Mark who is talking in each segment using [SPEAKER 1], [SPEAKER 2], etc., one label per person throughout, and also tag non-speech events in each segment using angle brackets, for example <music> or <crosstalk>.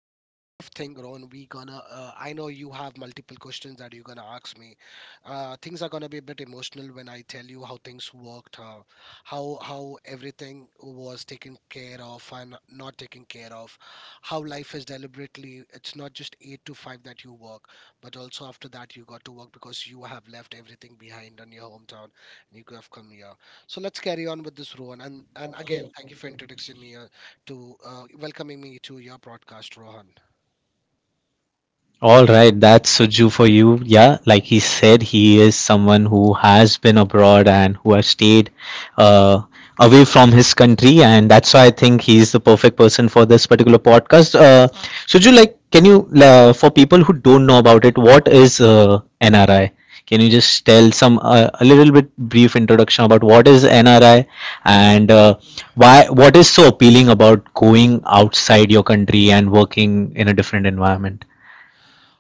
[SPEAKER 1] there's a lot of thing, Ron. We gonna. I know you have multiple questions that you're gonna ask me. Things are gonna be a bit emotional when I tell you how things worked, how everything was taken care of and not taken care of, how life is deliberately. It's not just eight to five that you work, but also after that you got to work because you have left everything behind in your hometown and you could have come here. So let's carry on with this, Rowan. And again, thank you for introducing me. To welcoming me to your broadcast, Rohan.
[SPEAKER 2] All right, that's Suju for you. Yeah, like he said, he is someone who has been abroad and who has stayed uh, away from his country, and that's why I think he's the perfect person for this particular podcast. Suju, like, can you, for people who don't know about it, what is NRI? Can you just tell some a little bit brief introduction about what is NRI and why what is so appealing about going outside your country and working in a different environment?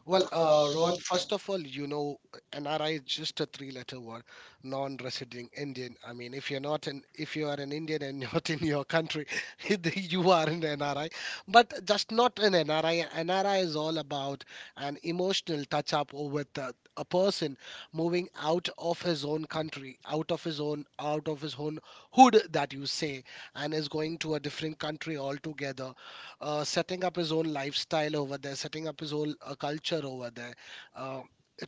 [SPEAKER 1] Well, Rohan, first of all, NRI is just a three-letter word, non-resident Indian. I mean, if you are an Indian and <laughs> not in your country, <laughs> you are an NRI. But just not an NRI. NRI is all about an emotional touch-up with a person moving out of his own country, out of his own hood that you say, and is going to a different country altogether, setting up his own lifestyle over there, setting up his own culture over there. Uh,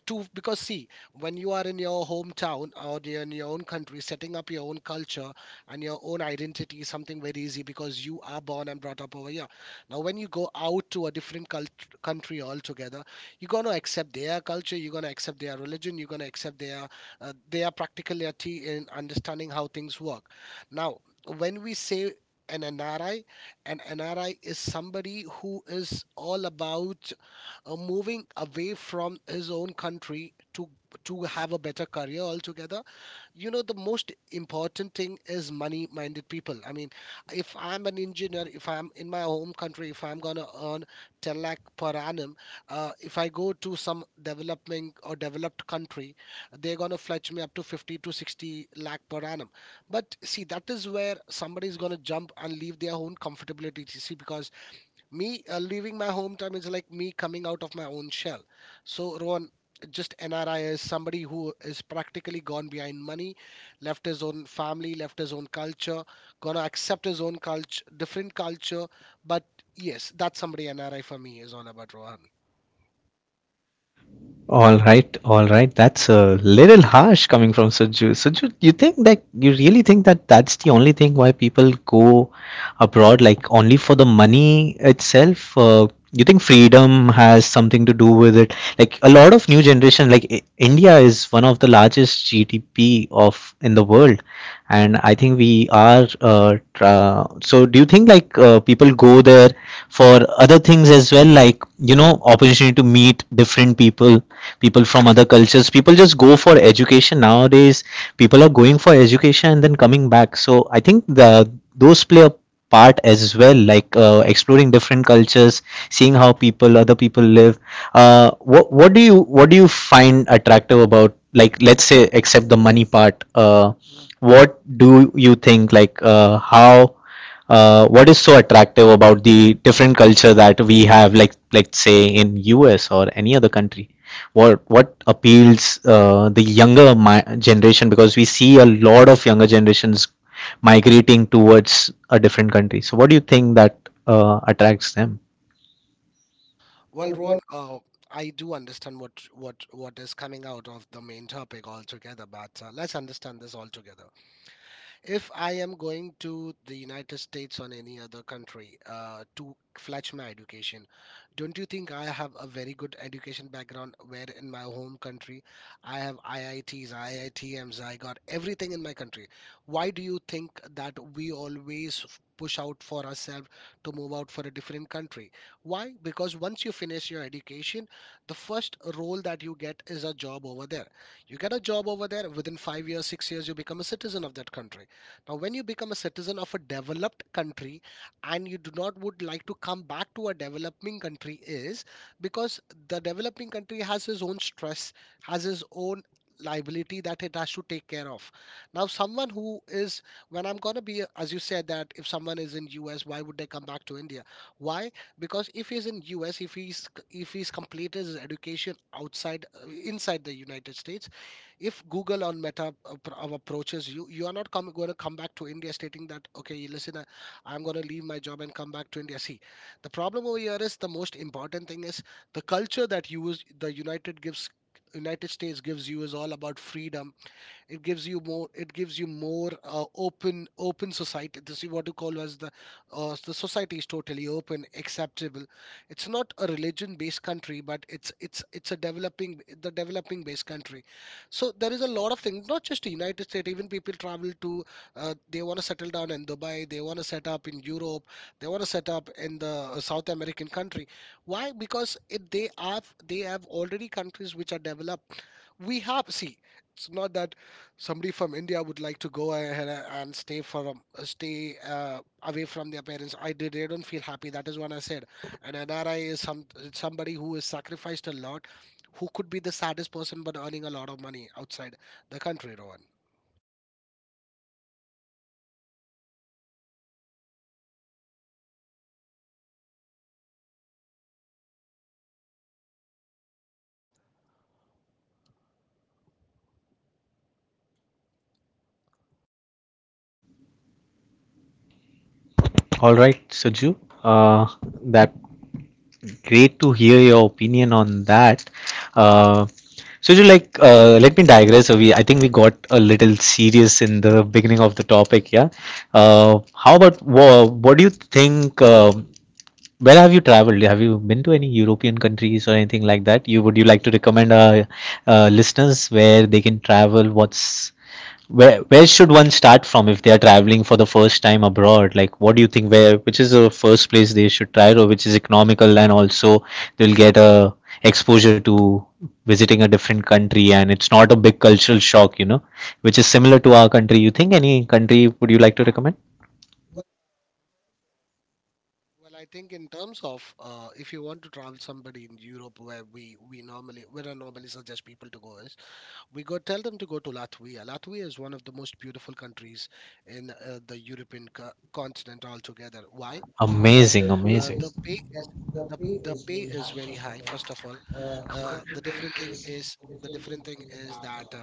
[SPEAKER 1] to Because see, when you are in your hometown or you're in your own country, setting up your own culture and your own identity is something very easy because you are born and brought up over here. Now when you go out to a different country altogether, you're going to accept their culture, you're going to accept their religion, you're going to accept their their practicality in understanding how things work. Now, when we say an nri an NRI is somebody who is all about moving away from his own country to have a better career altogether. The most important thing is money minded people. I mean, if I'm an engineer, if I'm in my home country, if I'm going to earn 10 lakh per annum. If I go to some developing or developed country, they're going to fetch me up to 50 to 60 lakh per annum. But see, that is where somebody is going to jump and leave their own comfortability. See, because me leaving my hometown is like me coming out of my own shell. So, Rohan, just NRI is somebody who is practically gone behind money, left his own family, left his own culture, gonna accept his own culture, different culture. But yes, that's somebody, NRI for me is all about, Rohan.
[SPEAKER 2] All right, all right. That's a little harsh coming from Suju. Suju, you think that you really think that that's the only thing why people go abroad, like only for the money itself? You think freedom has something to do with it? Like a lot of new generation, like I India is one of the largest GDP of in the world, and I think we are so do you think like people go there for other things as well, like, you know, opportunity to meet different people, people from other cultures, people just go for education nowadays, people are going for education and then coming back. So I think the those play a part as well, like exploring different cultures, seeing how people other people live. What what do you find attractive about, like, let's say except the money part, what do you think, like, how what is so attractive about the different culture that we have, like say in US or any other country? What appeals the younger generation, because we see a lot of younger generations migrating towards a different country? So what do you think that attracts them?
[SPEAKER 1] Well, Rohan, I do understand what is coming out of the main topic altogether, but let's understand this altogether. If I am going to the United States or any other country to fetch my education, don't you think I have a very good education background? Where in my home country, I have IITs, IITMs, IIT Ms, I got everything in my country. Why do you think that we always push out for ourselves to move out for a different country? Why? Because once you finish your education, the first role that you get is a job over there. You get a job over there, within 5 years, 6 years, you become a citizen of that country. Now, when you become a citizen of a developed country and you do not would like to come back to a developing country, is because the developing country has his own stress, has his own liability that it has to take care of. Now, someone who is, when I'm gonna be, as you said, that if someone is in US, why would they come back to India? Why? Because if he's in US, if he's completed his education outside, inside the United States, if Google or Meta approaches you, you are not going to come back to India stating that, okay, listen, I'm going to leave my job and come back to India. See, the problem over here is, the most important thing is the culture that the United States gives you is all about freedom. It gives you more, open society. This is what you call as the society is totally open, acceptable. It's not a religion based country, but it's a developing based country. So there is a lot of things, not just the United States. Even people travel to, they want to settle down in Dubai, they want to set up in Europe, they want to set up in the South American country. Why? Because if they have already countries which are developed. We have, see, it's not that somebody from India would like to go ahead and stay from stay away from their parents. I did They don't feel happy. That is what I said. An nri is somebody who has sacrificed a lot, who could be the saddest person but earning a lot of money outside the country, Rohan.
[SPEAKER 2] All right, Suju, uh, that great to hear your opinion on that. Uh, so, you like, let me digress. I think we got a little serious in the beginning of the topic. Yeah. How about what do you think? Where have you traveled? Have you been to any European countries or anything like that? You Would you like to recommend our listeners where they can travel? What's where should one start from if they are traveling for the first time abroad? Like, what do you think? Where, which is the first place they should try, or which is economical and also they'll get a exposure to visiting a different country and it's not a big cultural shock, you know, which is similar to our country? You think any country would you like to recommend?
[SPEAKER 1] Well, I think in terms of, if you want to travel somebody in Europe, where we normally where I normally suggest people to go is, we go tell them to go to Latvia. Latvia is one of the most beautiful countries in the European continent altogether. Why? The
[SPEAKER 2] Amazing,
[SPEAKER 1] pay
[SPEAKER 2] amazing.
[SPEAKER 1] is, the
[SPEAKER 2] The
[SPEAKER 1] very high. First of all, the different thing is, that.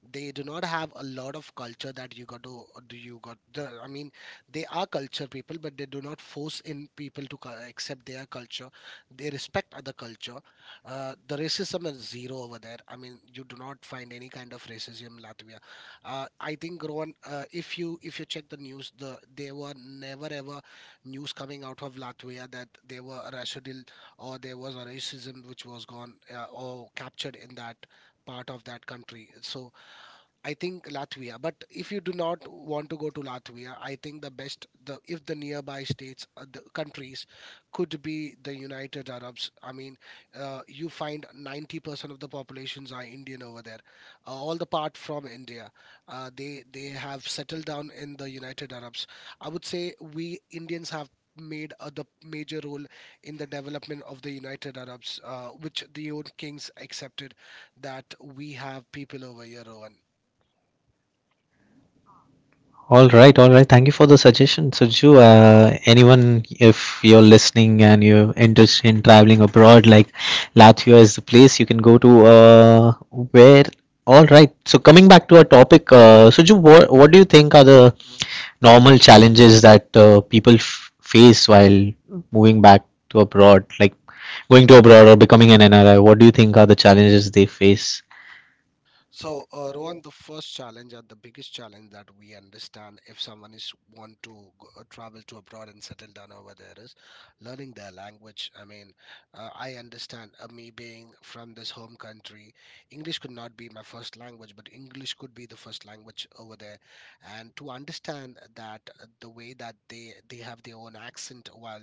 [SPEAKER 1] They do not have a lot of culture that you got to do, you got the, I mean, they are culture people but they do not force in people to accept their culture. They respect other culture. The racism is zero over there. I mean, you do not find any kind of racism in Latvia. I think, Rowan, if you check the news, there were never ever news coming out of Latvia that there were a racial or there was a racism which was gone or captured in that part of that country. So I think Latvia. But if you do not want to go to Latvia, I think the best, the if the nearby states, the countries, could be the United Arabs. I mean, you find 90% of the populations are Indian over there, all the part from India. They have settled down in the United Arabs. I would say we Indians have made the major role in the development of the United Arabs, which the old kings accepted that we have people over here, Rowan.
[SPEAKER 2] All right, all right. Thank you for the suggestion, Suju. Anyone, if you're listening and you're interested in traveling abroad, like, Latvia is the place you can go to. Where? All right. So coming back to our topic, Suju, what do you think are the normal challenges that people face while moving back to abroad, like going to abroad or becoming an NRI? What do you think are the challenges they face?
[SPEAKER 1] So, Rohan, the first challenge or the biggest challenge that we understand, if someone is want to go, travel to abroad and settle down over there, is learning their language. I mean, I understand, me being from this home country, English could not be my first language, but English could be the first language over there. And to understand that, the way that they have their own accent while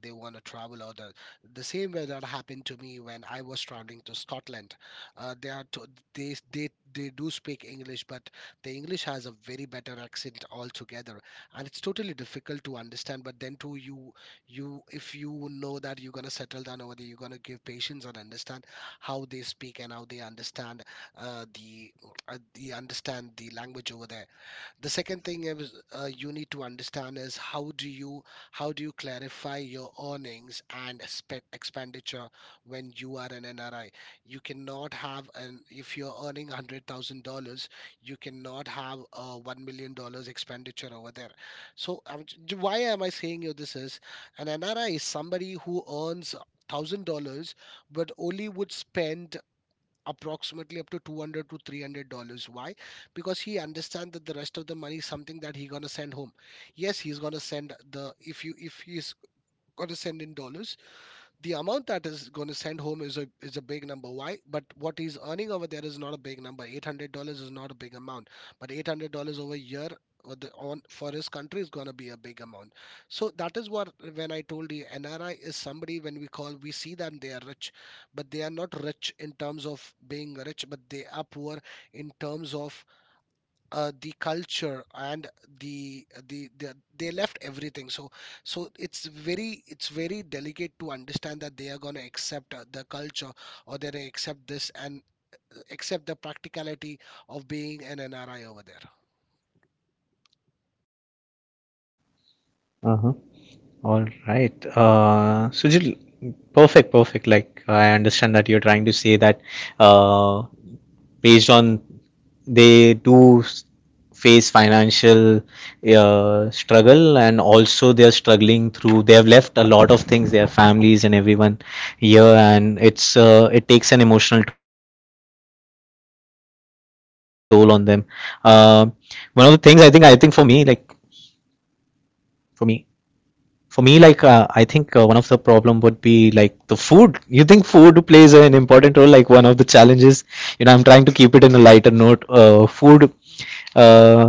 [SPEAKER 1] they want to travel, or the same way that happened to me when I was traveling to Scotland, uh, they are to, they do speak English, but the English has a very better accent altogether, and it's totally difficult to understand. But then too, you, if you know that you're gonna settle down over there, you're gonna give patience and understand how they speak and how they understand, uh, the the understand the language over there. The second thing is, you need to understand is, how do you clarify your earnings and expenditure. When you are an nri, you cannot have an if you're earning $100,000, you cannot have a $1 million dollars expenditure over there. So why am I saying you this is, an nri is somebody who earns $1,000, but only would spend approximately up to 200 to $300. Why? Because he understands that the rest of the money is something that he's gonna send home. Yes, he's gonna send the if you if he's gonna send in dollars, the amount that is going to send home is a big number. Why? But what he's earning over there is not a big number. $800 is not a big amount, but $800 over a year or on for his country is going to be a big amount. So that is what when I told you NRI is somebody, when we call we see them they are rich, but they are not rich in terms of being rich, but they are poor in terms of the culture and the they left everything. So it's very delicate to understand that they are going to accept the culture or they're going to accept this and accept the practicality of being an nri over there.
[SPEAKER 2] All right. Sujil, perfect, perfect. Like, I understand that you're trying to say that uh, based on they do s- face financial struggle, and also they're struggling through, they have left a lot of things, their families and everyone here, and it's it takes an emotional toll on them. uh, One of the things, I think for me for me like I think one of the problem would be like the food. You think food plays an important role, like one of the challenges, you know? I'm trying to keep it in a lighter note. Food, uh,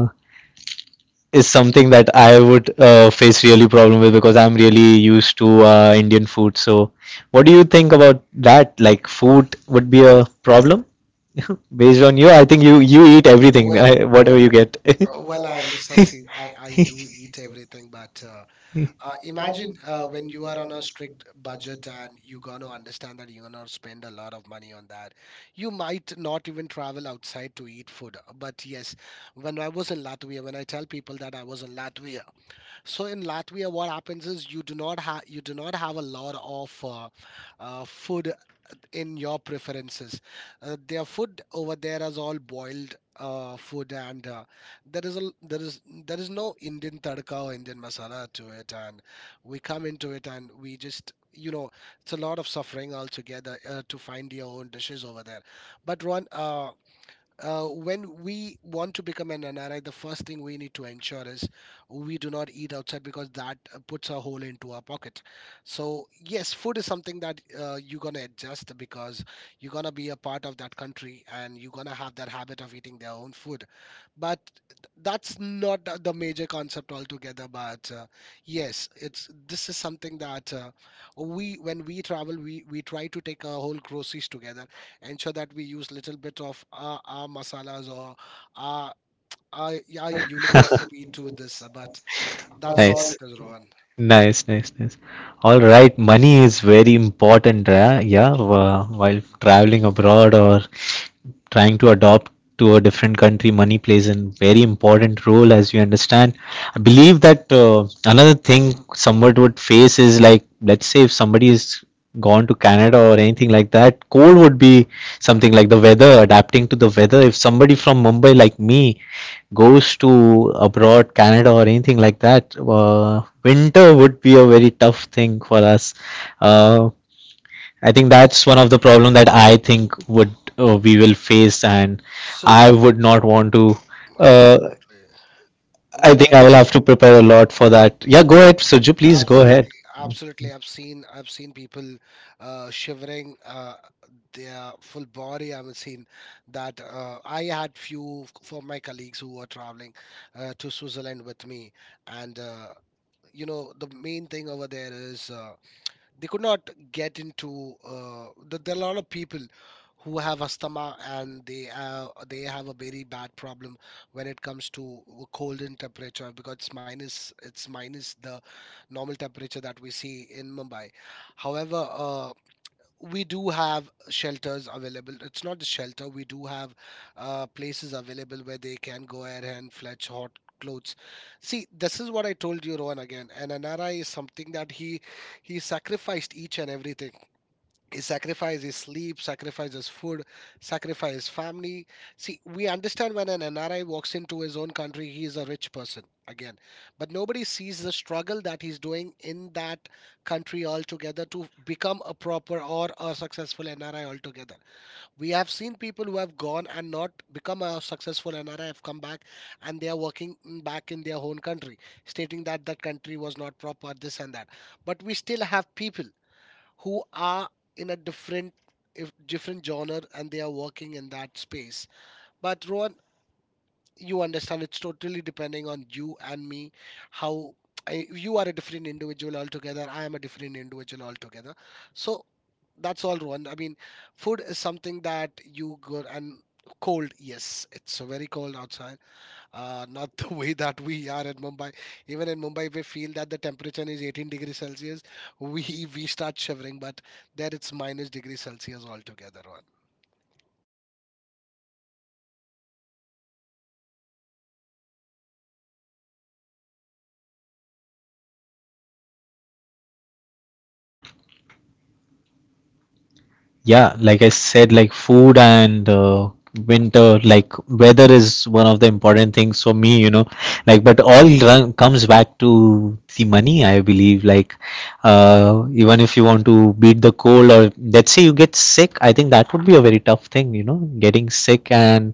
[SPEAKER 2] is something that I would face really problem with, because I'm really used to Indian food. So what do you think about that? Like, food would be a problem. <laughs> Based on you, I think you eat everything,
[SPEAKER 1] well,
[SPEAKER 2] <laughs> I,
[SPEAKER 1] well
[SPEAKER 2] whatever you get.
[SPEAKER 1] Uh, Well, I understand. See, I do eat everything, but uh,
[SPEAKER 2] <laughs> <laughs>
[SPEAKER 1] uh, imagine when you are on a strict budget, and you're going to understand that you're going to spend a lot of money on that. You might not even travel outside to eat food. But yes, when I was in Latvia, when I tell people that I was in Latvia, so in Latvia, what happens is you do not have a lot of food it in your preferences. Their food over there is all boiled food, and there is a there is no Indian tadka or Indian masala to it. And we come into it, and we just, you know, it's a lot of suffering altogether to find your own dishes over there. But one. When we want to become an NRI, the first thing we need to ensure is we do not eat outside because that puts a hole into our pocket. So yes, food is something that you're gonna adjust, because you're gonna be a part of that country and you're gonna have that habit of eating their own food. But that's not the major concept altogether. But yes, it's this is something that we, when we travel, we try to take our whole groceries together, ensure that we use little bit of our masalas, or our, our, our unique recipe to
[SPEAKER 2] <laughs>
[SPEAKER 1] this, but that's all
[SPEAKER 2] Nice.
[SPEAKER 1] it is, Rohan.
[SPEAKER 2] Nice, nice, nice. All right, money is very important, yeah, yeah, while traveling abroad or trying to adopt to a different country, money plays a very important role, as we understand. I believe that another thing someone would face is, like, let's say if somebody is gone to Canada or anything like that, cold would be something, like the weather, adapting to the weather. If somebody from Mumbai like me goes to abroad, Canada or anything like that, winter would be a very tough thing for us. Uh, I think that's one of the problem that I think would we will face, and
[SPEAKER 1] So
[SPEAKER 2] I would not want to. Uh,
[SPEAKER 1] absolutely,
[SPEAKER 2] I
[SPEAKER 1] when I
[SPEAKER 2] think I will
[SPEAKER 1] was,
[SPEAKER 2] have to prepare a lot for that. Yeah, go ahead, Suju. Please go
[SPEAKER 1] absolutely,
[SPEAKER 2] ahead.
[SPEAKER 1] absolutely, I've seen, I've seen people shivering, their full body, I've seen that. I had few for my colleagues who were traveling to Switzerland with me, and you know the main thing over there is, they could not get into there are a lot of people who have asthma, and they have a very bad problem when it comes to cold and temperature because it's minus, it's minus the normal temperature that we see in Mumbai. However, we do have shelters available. It's not the shelter. We do have places available where they can go ahead and fetch hot clothes. See, this is what I told you, Rohan, again. And Anara is something that he sacrificed each and everything. He sacrificed his sleep, sacrificed his food, sacrificed his family. See, we understand when an NRI walks into his own country, he is a rich person again. But nobody sees the struggle that he's doing in that country altogether to become a proper or a successful NRI altogether. We have seen people who have gone and not become a successful NRI have come back and they are working in- back in their own country, stating that that country was not proper, this and that. But we still have people who are in a different, if different genre, and they are working in that space. But Rohan, you understand it's totally depending on you and me how, I, you are a different individual altogether, I am a different individual altogether. So that's all, Rohan, I mean, food is something that you go and, cold, yes, it's very cold outside, not the <laughs> way that we are at Mumbai. Even in Mumbai, we feel that the temperature is 18 degrees Celsius. We start shivering, but there it's minus degrees Celsius altogether. On.
[SPEAKER 2] All right. Yes. Yeah. Like I said, food and am I? Yeah, like I said, like, food and winter, like weather, is one of the important things for me, you know, like, but all run, comes back to the money, I believe, like, even if you want to beat the cold, or let's say you get sick, I think that would be a very tough thing, you know, getting sick and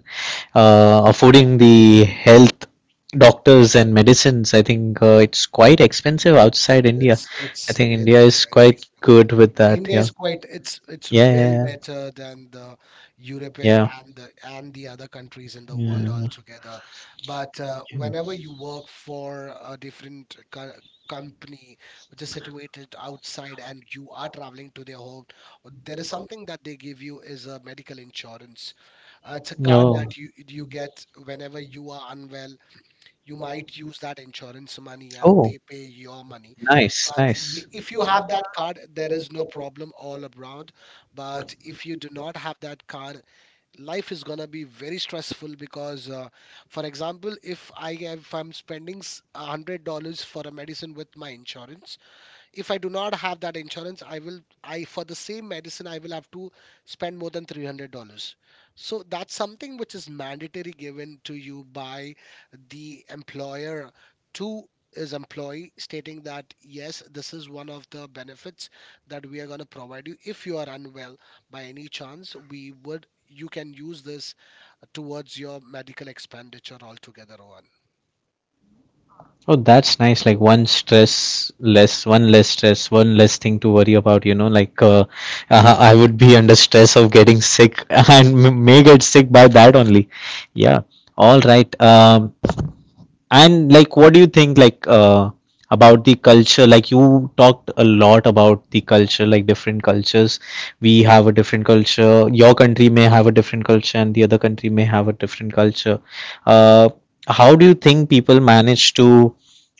[SPEAKER 2] affording the health, doctors and medicines. I think it's quite expensive outside.
[SPEAKER 1] It's it's very expensive.
[SPEAKER 2] Good with.
[SPEAKER 1] India is quite, it's well better than the European and the other countries in the world altogether. But whenever you work for a different co company which is situated outside and you are traveling to their home, there is something that they give you is a medical insurance. It's a card that you get whenever you are unwell. You might use that insurance money and
[SPEAKER 2] Oh,
[SPEAKER 1] they pay your money.
[SPEAKER 2] nice,
[SPEAKER 1] But y-
[SPEAKER 2] nice.
[SPEAKER 1] if you have that card, there is no problem all around. But if you do not have that card, life is gonna be very stressful because, for example, if I'm spending s- $100 for a medicine with my insurance, if I do not have that insurance, I will, I, for the same medicine, I will have to spend more than $300. So that's something which is mandatory given to you by the employer to his employee, stating that yes, this is one of the benefits that we are going to provide you. If you are unwell by any chance, we would, you can use this towards your medical expenditure altogether. on.
[SPEAKER 2] Oh, that's nice. Like, one stress less, one less stress, one less thing to worry about, you know. Like, I would be under stress of getting sick, <laughs> and may get sick by that only. Yeah. All right. And like, what do you think, like, about the culture? Like, you talked a lot about the culture, like different cultures. We have a different culture. Your country may have a different culture, and the other country may have a different culture. Uh, how do you think people manage to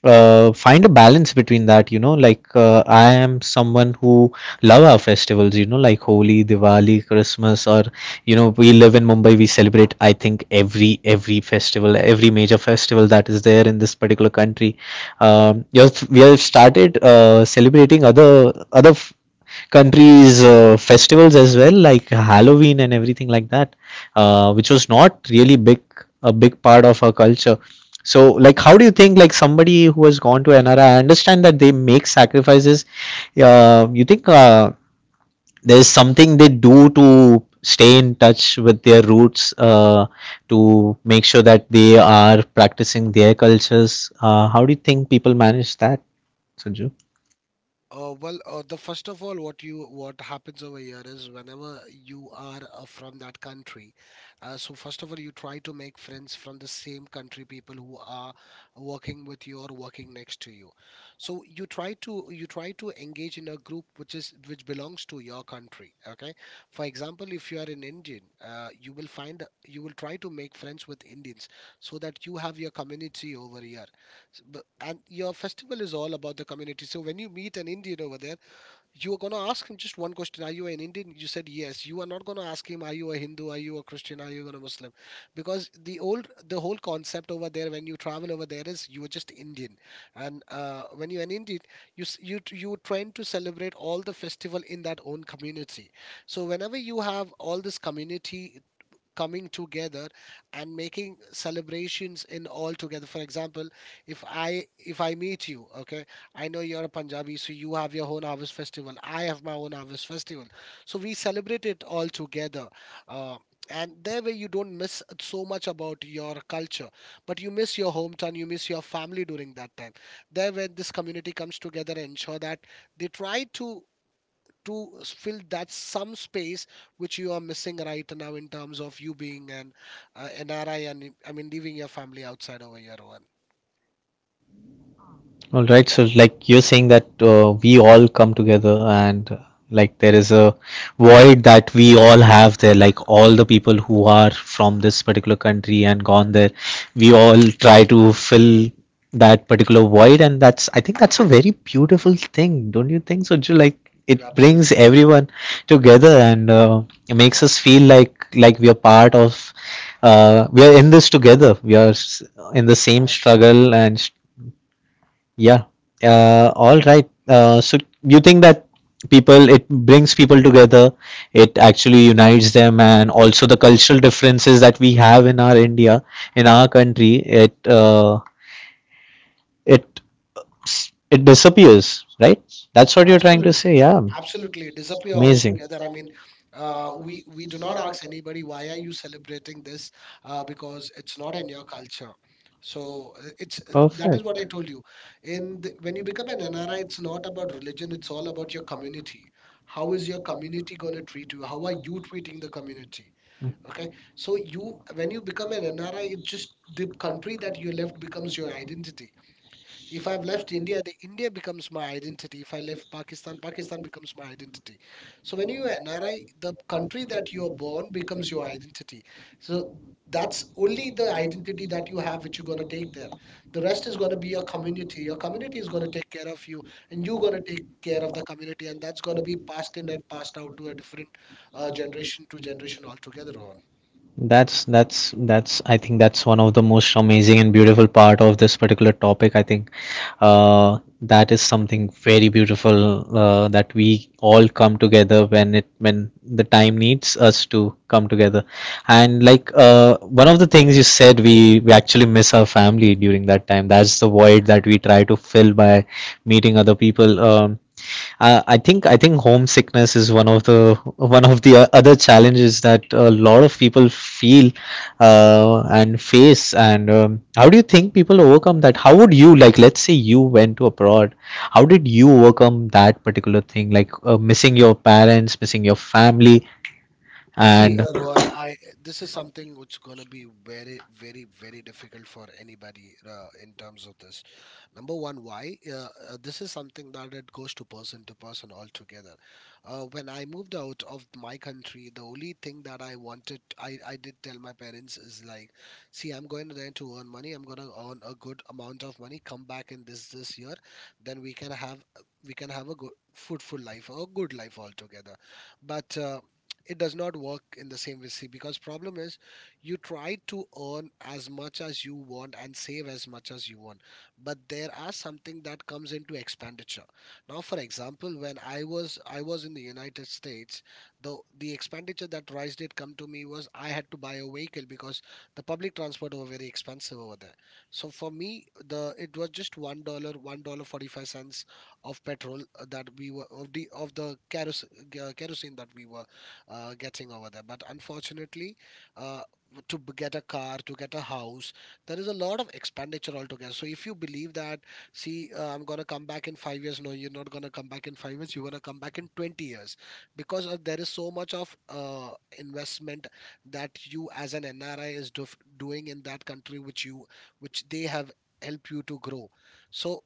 [SPEAKER 2] find a balance between that? You know, like, I am someone who love our festivals. You know, like Holi, Diwali, Christmas, or, you know, we live in Mumbai, we celebrate, I think, every festival, every major festival that is there in this particular country. Um, we have started celebrating other countries festivals as well, like Halloween and everything like that, which was not really big a big part of our culture. So, like, how do you think, like, somebody who has gone to NRA, I understand that they make sacrifices. You think there's something they do to stay in touch with their roots, to make sure that they are practicing their cultures. How do you think people manage that, Sanju?
[SPEAKER 1] Well, the first of all, what you, what happens over here is, whenever you are from that country, so first of all, you try to make friends from the same country, people who are working with you or working next to you. So you try to engage in a group which is, which belongs to your country. Okay, for example, if you are an Indian, you will find, you will try to make friends with Indians so that you have your community over here. And your festival is all about the community. So when you meet an Indian over there, you are going to ask him just one question: are you an Indian? You said yes. You are not going to ask him, are you a Hindu? Are you a Christian? Are you a Muslim? Because the old, the whole concept over there when you travel over there is, you are just Indian. And when you're an Indian, you, s- you, t- you trying to celebrate all the festival in that own community. So whenever you have all this community coming together and making celebrations in all together, for example, if I meet you, okay, I know you're a Punjabi, so you have your own harvest festival, I have my own harvest festival, so we celebrate it all together. uh, and that way you don't miss so much about your culture, but you miss your hometown, you miss your family during that time. There, when this community comes together and ensure that they try to fill that some space which you are missing right now, in terms of you being an NRI, and I mean leaving your family outside over here, Rohan.
[SPEAKER 2] All right. So, like, you're saying that we all come together, and like, there is a void that we all have there. Like, all the people who are from this particular country and gone there, we all try to fill that particular void, and that's, I think that's a very beautiful thing, don't you think? So, Ju, like, it brings
[SPEAKER 1] Absolutely,
[SPEAKER 2] everyone together, and it makes us feel like, we are part of, we are in this together. We are in the same
[SPEAKER 1] absolutely,
[SPEAKER 2] struggle, and yeah. All right. So you think that people, it brings people together, it actually unites them, and also the cultural differences that we have in our India, in our country, it it disappears, right? That's what you're trying to
[SPEAKER 1] absolutely.
[SPEAKER 2] say. Yeah.
[SPEAKER 1] Absolutely disappear
[SPEAKER 2] Amazing.
[SPEAKER 1] altogether, I mean, we do not ask anybody why are you celebrating this, because it's not in your culture, so it's that
[SPEAKER 2] Perfect.
[SPEAKER 1] is what I told you, when you become an nri, it's not about religion, it's all about your community. How is your community going to treat you? How are you treating the community? Okay, so you when you become an nri, it's just the country that you left becomes your identity. If I've left India, the India becomes my identity. If I left Pakistan, Pakistan becomes my identity. So when you are NRI, the country that you are born becomes your identity. So that's only the identity that you have, which you're going to take there. The rest is going to be your community. Your community is going to take care of you, and you're going to take care of the community, and that's going to be passed in and passed out to a different generation to generation altogether. on.
[SPEAKER 2] That's that's I think that's one of the most amazing and beautiful part of this particular topic. I think that is something very beautiful, that we all come together when it when the time needs us to come together. And like, one of the things you said, we actually miss our family during that time. That's the void that we try to fill by meeting other people. I think homesickness is one of the other challenges that a lot of people feel and face. And how do you think people overcome that? How would you like? Let's say you went to abroad. How did you overcome that particular thing? Like missing your parents, missing your family,
[SPEAKER 1] See,
[SPEAKER 2] and
[SPEAKER 1] Rohan, I, this is something which gonna be very, very, very difficult for anybody in terms of this. Number one, why? This is something that it goes to person altogether. When I moved out of my country, the only thing that I wanted, I did tell my parents is like, see, I'm going there to earn money. I'm gonna earn a good amount of money. Come back in this year, then we can have a good, fruitful life, a good life altogether. But it does not work in the same way, see, because problem is you try to earn as much as you want and save as much as you want, but there are something that comes into expenditure. Now for example, when I was in the United States, the expenditure that rise did come to me was I had to buy a vehicle because the public transport were very expensive over there. So for me, the it was just $1, $1 45 cents of petrol that we were, of the kerosene, kerosene that we were getting over there. But unfortunately, uh, get a car, to get a house, there is a lot of expenditure altogether. So if you believe that, see, I'm gonna come back in 5 years, no, you're not gonna come back in 5 years. You're gonna come back in 20 years because there is so much of investment that you as an NRI is doing in that country, which you, which they have helped you to grow. So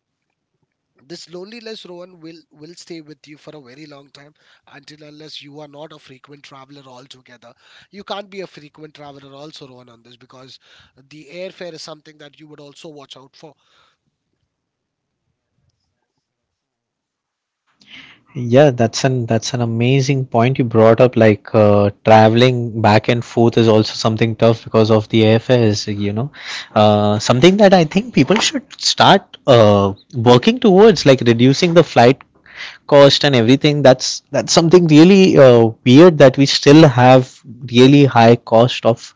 [SPEAKER 1] this loneliness, Rowan, will stay with you for a very long time, until unless you are not a frequent traveler altogether. You can't be a frequent traveler also, Rowan, on this, because the airfare is something that you would also watch out for.
[SPEAKER 2] yeah, that's an amazing point you brought up. Like traveling back and forth is also something tough because of the airfares. You know, something that I think people should start working towards, like reducing the flight cost and everything. That's something really weird that we still have really high cost of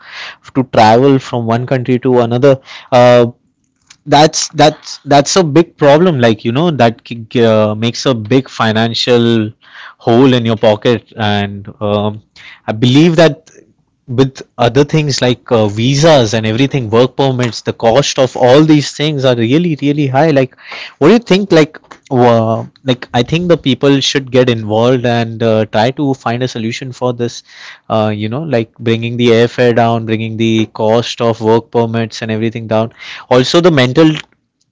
[SPEAKER 2] to travel from one country to another. Uh, that's a big problem, like, you know, that makes a big financial hole in your pocket, and I believe that with other things like visas and everything, work permits, the cost of all these things are really really high. Like, what do you think? Like, well, like I think the people should get involved and try to find a solution for this. You know, like bringing the airfare down, bringing the cost of work permits and everything down. Also, the mental,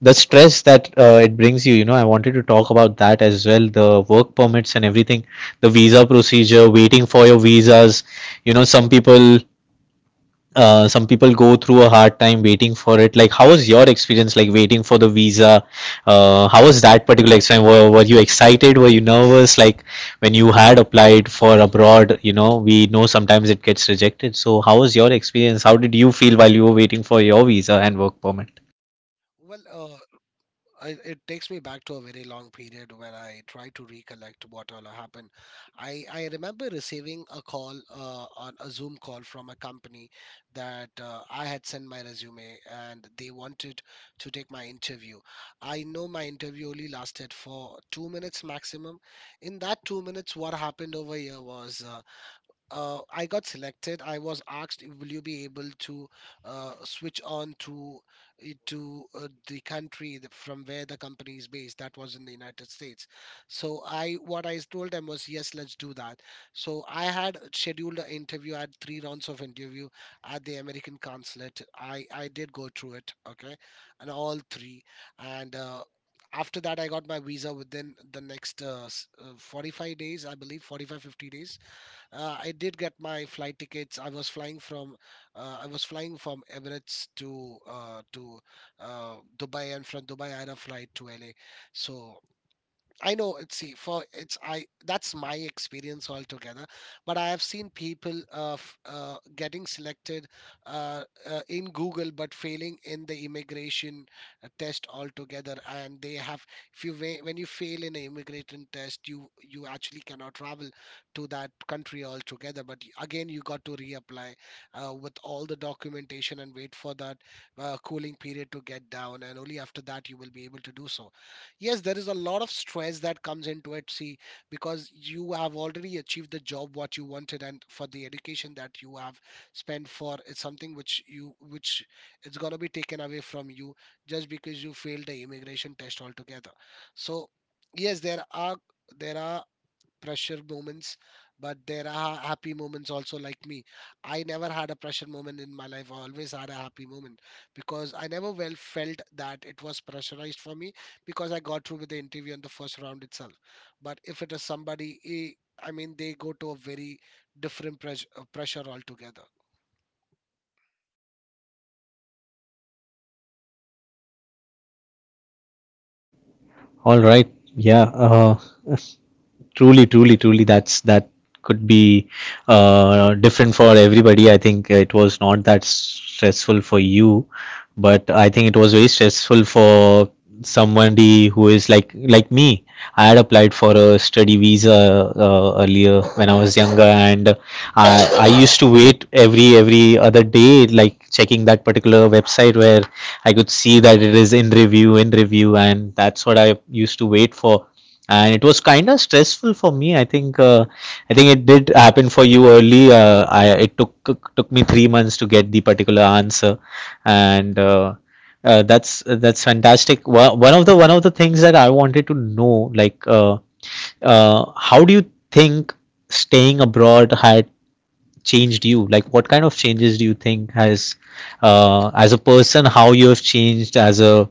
[SPEAKER 2] the stress that it brings you. You know, I wanted to talk about that as well. The work permits and everything, the visa procedure, waiting for your visas. You know, some people go through a hard time waiting for it. Like, how was your experience like waiting for the visa? How was that particular experience? Were you excited? Were you nervous? Like, when you had applied for abroad, you know, we know sometimes it gets rejected. So, how was your experience? How did you feel while you were waiting for your visa and work permit?
[SPEAKER 1] Well, it takes me back to a very long period where I try to recollect what all happened. I remember receiving a call on a Zoom call from a company that I had sent my resume, and they wanted to take my interview. I know my interview only lasted for 2 minutes maximum. In that 2 minutes, what happened over here was I got selected. I was asked, "Will you be able to switch on to the country from where the company is based?" That was in the United States. So I, what I told them was, "Yes, let's do that." So I had scheduled an interview. I had three rounds of interview at the American consulate. I did go through it, okay, and all three, and. After that, I got my visa within the next 45 days, I believe, 45, 50 days I did get my flight tickets. I was flying from Emirates to Dubai, and from Dubai I had a flight to LA. So I know. See, for it's I, that's my experience altogether. But I have seen people getting selected in Google, but failing in the immigration test altogether. And they have, if you when you fail in an immigration test, you actually cannot travel to that country altogether. But again, you got to reapply with all the documentation and wait for that cooling period to get down, and only after that you will be able to do so. Yes, there is a lot of stress that comes into it, see, because you have already achieved the job what you wanted, and for the education that you have spent for, it's something which you, which it's going to be taken away from you just because you failed the immigration test altogether. So yes, there are, there are pressure moments, but there are happy moments also, like me. I never had a pressure moment in my life. I always had a happy moment because I never, well, felt that it was pressurized for me, because I got through with the interview in the first round itself. But if it is somebody, eh, I mean, they go to a very different pressure, pressure altogether.
[SPEAKER 2] All right. Yeah. Truly, that's that could be different for everybody. I think it was not that stressful for you, but I think it was very stressful for somebody who is like me. I had applied for a study visa earlier when I was younger, and i I used to wait every other day, like checking that particular website where I could see that it is in review, and that's what I used to wait for, and it was kind of stressful for me. I think I think it did happen for you early. I it took me 3 months to get the particular answer. And that's fantastic. One of the things that I wanted to know, like uh, how do you think staying abroad had changed you? Like, what kind of changes do you think has, as a person, how you have changed as a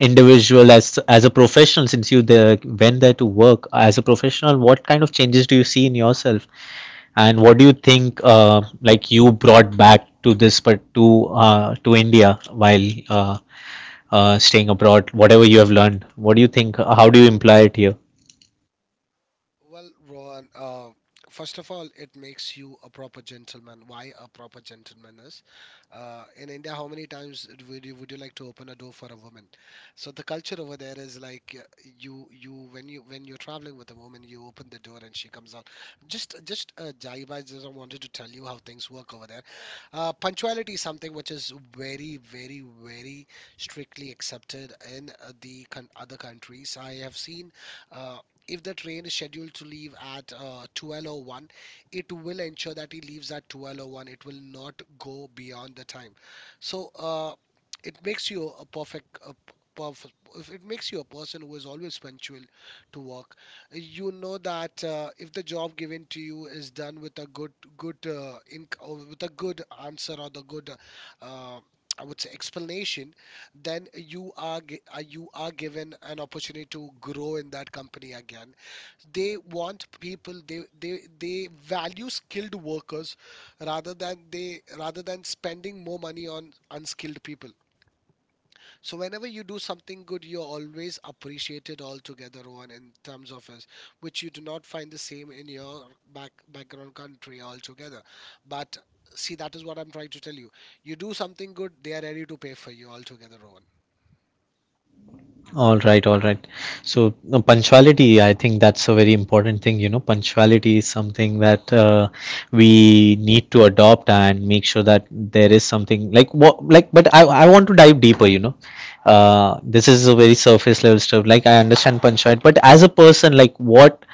[SPEAKER 2] individual, as a professional, since you there, went there to work as a professional? What kind of changes do you see in yourself, and what do you think, like you brought back to this, but to India while staying abroad? Whatever you have learned, what do you think? How do you imply it here?
[SPEAKER 1] Well, Rohan, first of all, it makes you a proper gentleman. Why a proper gentleman is, in India, how many times would you like to open a door for a woman? So the culture over there is like, you when you're traveling with a woman, you open the door and she comes out. Just Jaiba, I just wanted to tell you how things work over there. Punctuality is something which is very, very, very strictly accepted in other countries, I have seen. Uh, if the train is scheduled to leave at 12:01, it will ensure that it leaves at 12:01. It will not go beyond the time. So it makes you a perfect, if it makes you a person who is always punctual to work. You know that if the job given to you is done with a good or with a good answer or the good uh, I would say explanation, then you are you are given an opportunity to grow in that company. Again, they want people, they value skilled workers rather than spending more money on unskilled people. So whenever you do something good, you're always appreciated altogether, one in terms of us, which you do not find the same in your background country altogether. But see, that is what I'm trying to tell you. You do something good, they are ready to pay for you altogether, Rowan.
[SPEAKER 2] All right, all right. So punctuality, I think that's a very important thing. You know, punctuality is something that we need to adopt and make sure that there is something like what like. But I want to dive deeper. You know, this is a very surface level stuff. Like I understand punctuality, but as a person, like what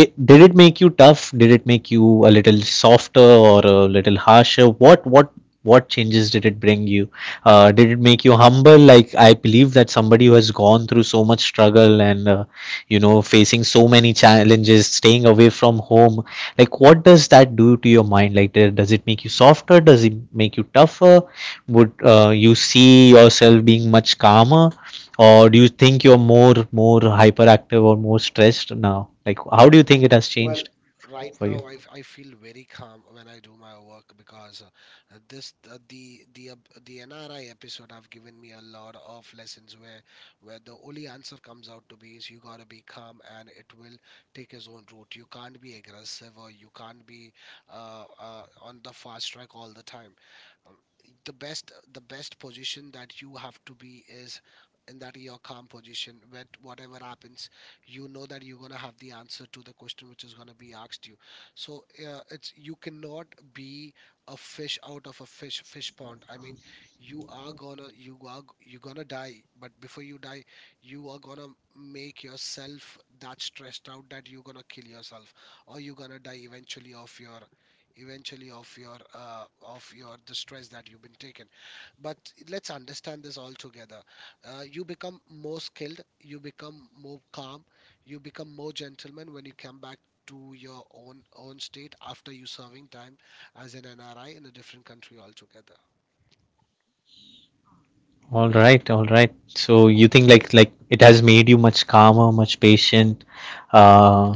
[SPEAKER 2] it did it make you tough? Did it make you a little softer or a little harsher? What changes did it bring you? Did it make you humble? Like I believe that somebody who has gone through so much struggle and you know facing so many challenges, staying away from home, like what does that do to your mind? Like does it make you softer? Does it make you tougher? Would you see yourself being much calmer? Or do you think you're more hyperactive or more stressed now? Like, how do you think it has
[SPEAKER 1] Well,
[SPEAKER 2] changed
[SPEAKER 1] right
[SPEAKER 2] for you?
[SPEAKER 1] now I, I feel very calm when I do my work, because this the NRI episode have given me a lot of lessons where the only answer comes out to be is you gotta be calm, and it will take its own route. You can't be aggressive, or you can't be on the fast track all the time. Um, the best position that you have to be is in that your calm position. When whatever happens, you know that you're going to have the answer to the question which is going to be asked you. So it's you cannot be a fish out of a fish pond. I mean, you are going to, you're going to die, but before you die, you are going to make yourself that stressed out that you're going to kill yourself, or you're going to die eventually of your, eventually of your of your, the stress that you've been taken. But let's understand this all together. You become more skilled, you become more calm, you become more gentleman when you come back to your own state after you serving time as an NRI in a different country altogether.
[SPEAKER 2] All right, all right. So you think like it has made you much calmer, much patient. Uh,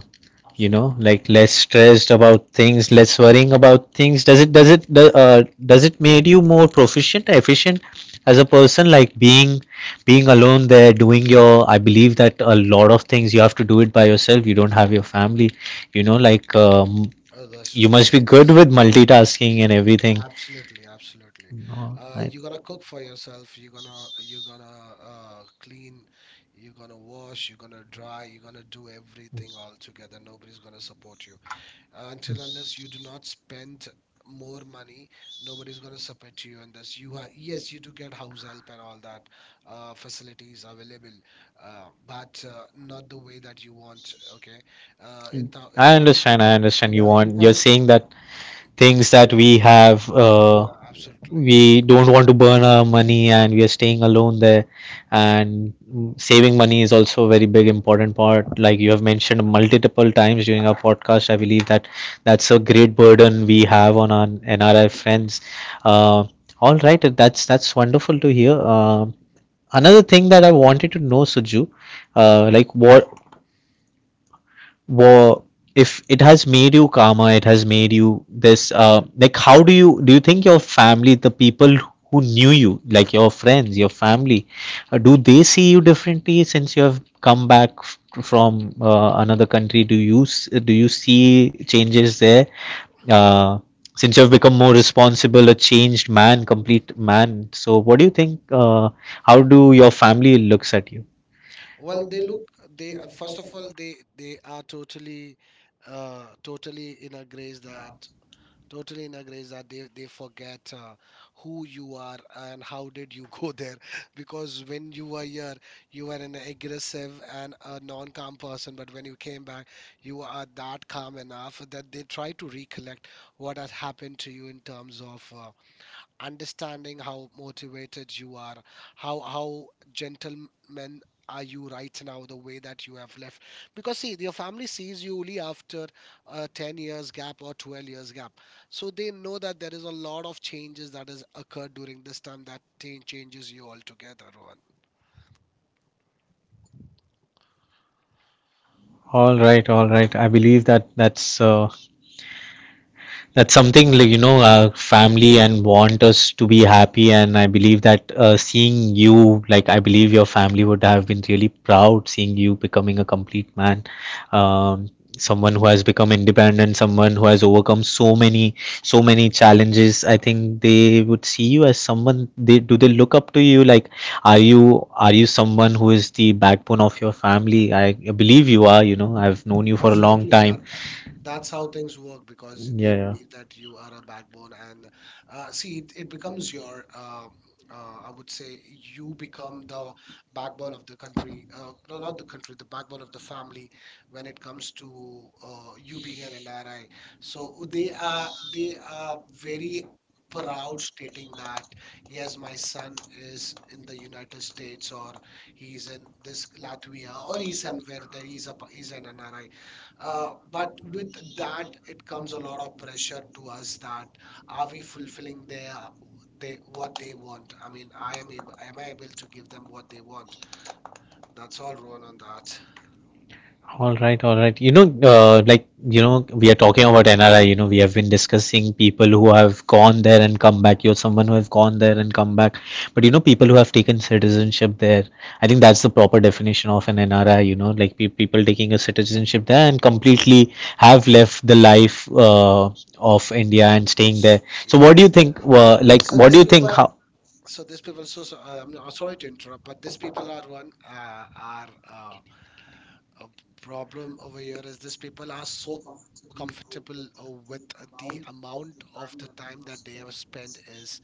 [SPEAKER 2] you know,
[SPEAKER 1] Absolutely.
[SPEAKER 2] like less stressed about things, less worrying about things. Does it does it made you more proficient, efficient as a person? Like being being alone there, doing your, I believe that a lot of things you have to do it by yourself. You don't have your family. You know, like
[SPEAKER 1] Oh, that's
[SPEAKER 2] you
[SPEAKER 1] just
[SPEAKER 2] must be
[SPEAKER 1] drastic.
[SPEAKER 2] good with multitasking and everything.
[SPEAKER 1] Absolutely, absolutely.
[SPEAKER 2] No,
[SPEAKER 1] You're gonna cook for yourself. You're gonna, you're gonna clean. You're gonna wash. You're gonna dry. You're gonna do everything all together. Nobody's gonna support you. Until unless you do not spend more money, nobody's going to support you in this. Yes, you do get house help and all that facilities available, but not the way that you want, okay. In thou, in
[SPEAKER 2] I
[SPEAKER 1] earning thou-.
[SPEAKER 2] understand. I understand. You
[SPEAKER 1] Yeah, in
[SPEAKER 2] want. You're
[SPEAKER 1] thousand.
[SPEAKER 2] saying that things that we have
[SPEAKER 1] Absolutely.
[SPEAKER 2] we don't want to burn our money, and we are staying alone there. And saving money is also a very big important part, like you have mentioned multiple times during our podcast. I believe that that's a great burden we have on our NRI friends. uh, all right, that's wonderful to hear. Um, another thing that I wanted to know, Suju, like what, well, if it has made you calmer, it has made you this. Like, how do you think your family, the people who knew you, like your friends, your family, do they see you differently since you have come back from another country? Do you do you see changes there? Uh, since you have become more responsible, a changed man, complete man. So, what do you think? How do your family looks at you?
[SPEAKER 1] Well, they look, they first of all, they are totally totally in a grace that. Totally in agree that they forget who you are and how did you go there <laughs> because when you were here, you were an aggressive and a non-calm person, but when you came back, you are that calm enough that they try to recollect what had happened to you in terms of understanding how motivated you are, how gentlemen are you right now, the way that you have left. Because see, your family sees you only after a 10 years gap or 12 years gap. So they know that there is a lot of changes that has occurred during this time that changes you altogether.
[SPEAKER 2] All right, all right. I believe that that's something, like, you know, our family and want us to be happy, and I believe that seeing you, like I believe your family would have been really proud seeing you becoming a complete man. Um, someone who has become independent, someone who has overcome so many challenges. I think they would see you as someone they do they look up to. You, like, are you someone who is the backbone of your family? I believe you are. You know, I've known you for a long
[SPEAKER 1] Absolutely. That,
[SPEAKER 2] time.
[SPEAKER 1] that that's how things work because they
[SPEAKER 2] Yeah, yeah.
[SPEAKER 1] believe that you are a backbone, and see, it becomes your. I would say you become the backbone of the country. No, not the country, the backbone of the family when it comes to you being an NRI. So they are, they are very proud stating that yes, my son is in the United States, or he's in this Latvia, or he's somewhere, that he's a, he's an NRI. But with that, it comes a lot of pressure to us that are we fulfilling their, they, what they want? I mean, I am able, am I able to give them what they want? That's all, Ron, on that.
[SPEAKER 2] All right, all right. You know, like, you know, we are talking about NRI, you know, we have been discussing people who have gone there and come back. You're someone who have gone there and come back. But, you know, people who have taken citizenship there, I think that's the proper definition of an NRI, you know, like pe people taking a citizenship there and completely have left the life of India and staying there. So,
[SPEAKER 1] Yeah.
[SPEAKER 2] what do you think, like,
[SPEAKER 1] So
[SPEAKER 2] what do
[SPEAKER 1] these
[SPEAKER 2] you think,
[SPEAKER 1] people,
[SPEAKER 2] how?
[SPEAKER 1] I'm not, sorry to interrupt, but these people are one, are a problem over here is these people are so comfortable with the amount of the time that they have spent is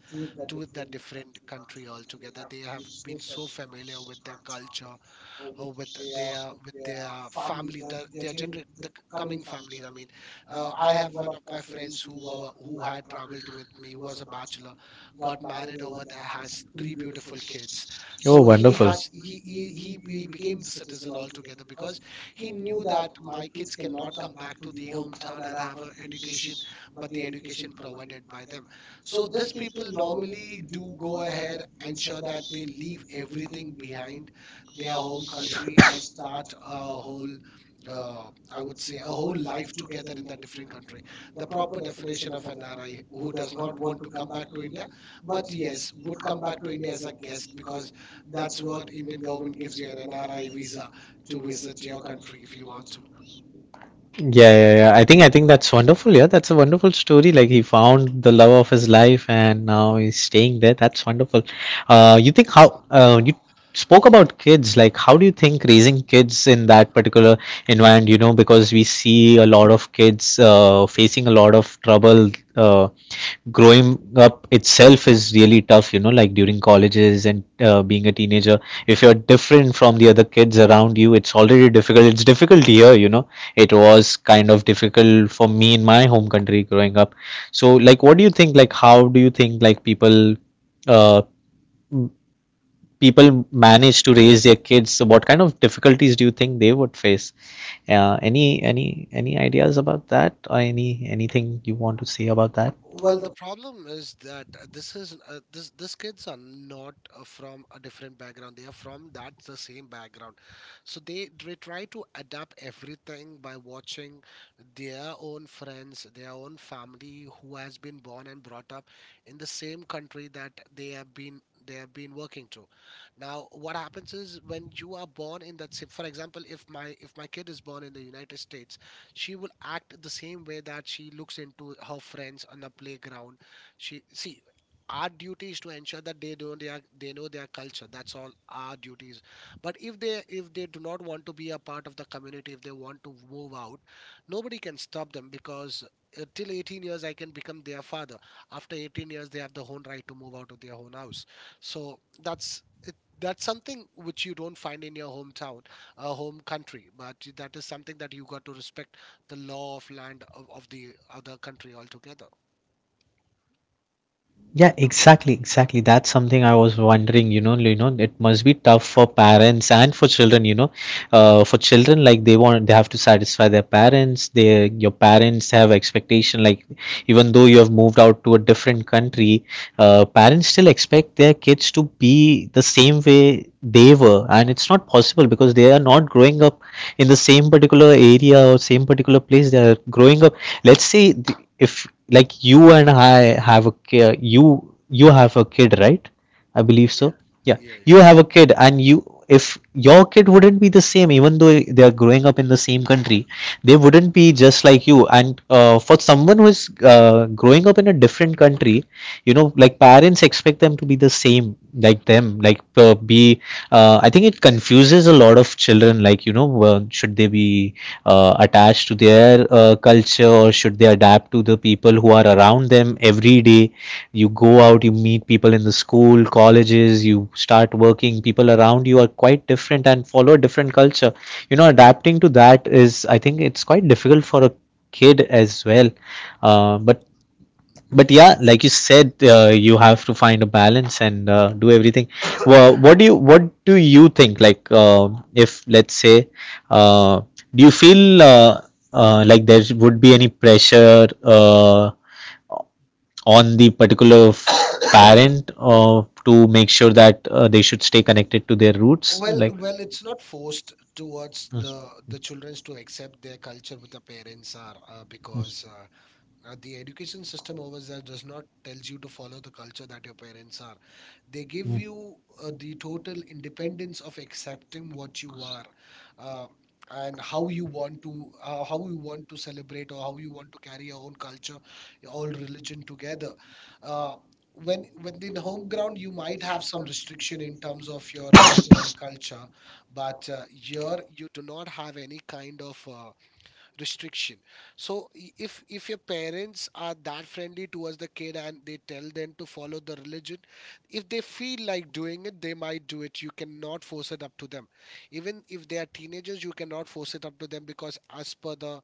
[SPEAKER 1] to the different country altogether. They have been so familiar with their culture, with their, with their family, the, their coming families. I mean, I have one of my friends who who had traveled with me, who was a bachelor, got married over there, has three beautiful kids.
[SPEAKER 2] Oh,
[SPEAKER 1] So he
[SPEAKER 2] wonderful.
[SPEAKER 1] has, he became the citizen altogether because he knew that my kids cannot come back to the hometown and have an education, but the education provided by them. So these people normally do go ahead, and sure that they leave everything behind their home country and start a whole uh, I would say a whole life together in that different country. The proper definition of an RI who does not want to come back to India, but yes, would come back to India as a guest because that's what Indian government gives you an NRI visa to visit your country if you want to.
[SPEAKER 2] Yeah, yeah, yeah. I think that's wonderful. Yeah, that's a wonderful story. Like, he found the love of his life, and now he's staying there. That's wonderful. You think how you spoke about kids, like how do you think raising kids in that particular environment, you know, because we see a lot of kids facing a lot of trouble uh, growing up itself is really tough, you know, like during colleges and being a teenager, if you're different from the other kids around you, it's already difficult. It's difficult here, you know. It was kind of difficult for me in my home country growing up. So, like, what do you think? Like, how do you think, like, people uh, people manage to raise their kids. So, what kind of difficulties do you think they would face? uh, any any any ideas about that, or any anything you want to say about that?
[SPEAKER 1] Well, the problem is that this kids are not from a different background. They are from that the same background, so they try to adapt everything by watching their own friends, their own family who has been born and brought up in the same country that they have been working to. Now, what happens is when you are born in that, for example, if my kid is born in the United States, she will act the same way that she looks into her friends on the playground she see. Our duty is to ensure that they don't they, know their culture. That's all our duties, but if they do not want to be a part of the community, if they want to move out, nobody can stop them because till 18 years I can become their father. After 18 years they have the own right to move out of their own house. So that's it, that's something which you don't find in your hometown, a home country, but that is something that you got to respect the law of land of the other country altogether.
[SPEAKER 2] Yeah, exactly, exactly. That's something I was wondering, you know, it must be tough for parents and for children, you know. For children, like they want, they have to satisfy their parents. They, your parents have expectation, like even though you have moved out to a different country, parents still expect their kids to be the same way they were, and it's not possible because they are not growing up in the same particular area or same particular place. They are growing up. Let's say if like you and I have a kid. You have a kid, right? I believe so. Yeah,
[SPEAKER 1] Yeah, yeah,
[SPEAKER 2] you
[SPEAKER 1] yeah.
[SPEAKER 2] have a kid, and you if your kid wouldn't be the same, even though they are growing up in the same country, they wouldn't be just like you. And for someone who is growing up in a different country, you know, like parents expect them to be the same like them, like be I think it confuses a lot of children, like, should they be attached to their culture, or should they adapt to the people who are around them every day? You go out, you meet people in the school, colleges. You start working, people around you are quite different and follow a different culture. You know, adapting to that is, I think, it's quite difficult for a kid as well. Uh, but but yeah, like you said, you have to find a balance and do everything. Well, what do you think, like, if let's say, uh, do you feel, like there would be any pressure on the particular parent, to make sure that they should stay connected to their roots,
[SPEAKER 1] Well,
[SPEAKER 2] like.
[SPEAKER 1] well, it's not forced towards the the
[SPEAKER 2] Yes.
[SPEAKER 1] childrens to accept their culture with the parents are because
[SPEAKER 2] Yes.
[SPEAKER 1] The education system over there does not tells you to follow the culture that your parents are. They give you the total independence of accepting what you are, uh, and how you want to how you want to celebrate or how you want to carry your own culture, your own religion together. Uh, when within home ground, you might have some restriction in terms of your religion and culture, but here you do not have any kind of restriction. So if your parents are that friendly towards the kid and they tell them to follow the religion, if they feel like doing it they might do it. You cannot force it up to them, even if they are teenagers you cannot force it up to them, because as per the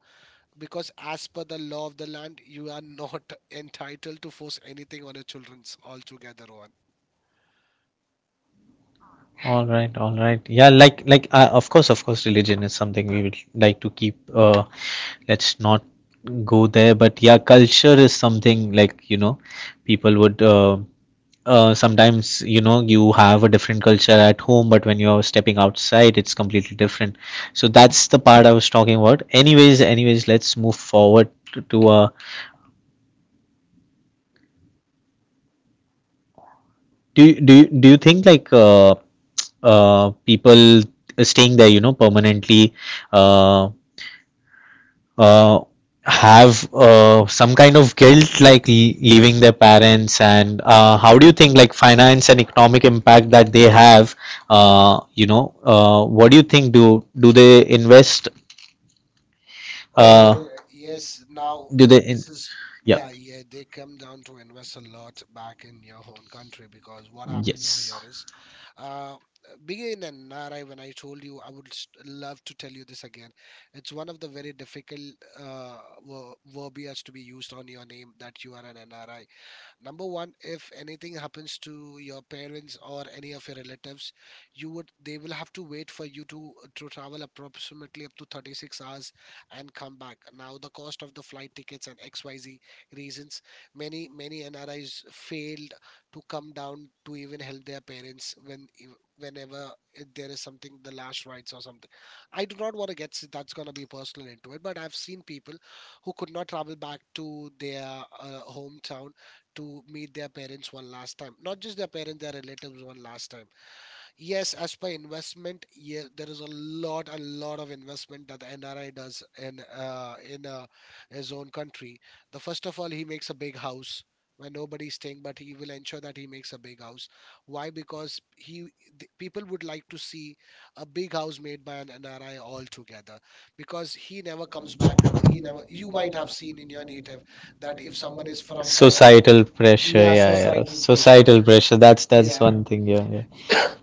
[SPEAKER 1] because as per the law of the land you are not <laughs> entitled to force anything on your children's altogether.
[SPEAKER 2] All right, all right. Yeah, like, of course, religion is something we would like to keep. Let's not go there, but yeah, culture is something, like, you know, people would. Sometimes, you know, you have a different culture at home, but when you're stepping outside, it's completely different. So that's the part I was talking about. Anyways, anyways, let's move forward to, do you think, like, people staying there, you know, permanently? Uh, uh, have some kind of guilt, like, leaving their parents, and how do you think, like, finance and economic impact that they have. What do you think, do they invest, uh,
[SPEAKER 1] Yes, now
[SPEAKER 2] do they in,
[SPEAKER 1] this is
[SPEAKER 2] yeah?
[SPEAKER 1] yeah, yeah, they come down to invest a lot back in your own country because what happens over
[SPEAKER 2] Yes.
[SPEAKER 1] here is uh, being in NRI, when I told you, I would love to tell you this again. It's one of the very difficult uh, verbiage to be used on your name that you are an NRI. Number one, if anything happens to your parents or any of your relatives, you would, they will have to wait for you to travel approximately up to 36 hours and come back. Now, the cost of the flight tickets and XYZ reasons, many NRIs failed to come down to even help their parents when whenever there is something, the last rites or something. I do not want to get that's gonna be personal into it, but I've seen people who could not travel back to their hometown to meet their parents one last time. Not just their parents, their relatives one last time. Yes, as per investment, yeah, there is a lot of investment that the NRI does in his own country. The first of all, he makes a big house where nobody's staying, but he will ensure that he makes a big house. Why? Because people would like to see a big house made by an NRI altogether. Because he never comes back. He never. You might have seen in your native that if someone is from Canada, yeah,
[SPEAKER 2] Pressure.
[SPEAKER 1] societal pressure.
[SPEAKER 2] Societal pressure. That's
[SPEAKER 1] Yeah,
[SPEAKER 2] one thing, yeah, yeah.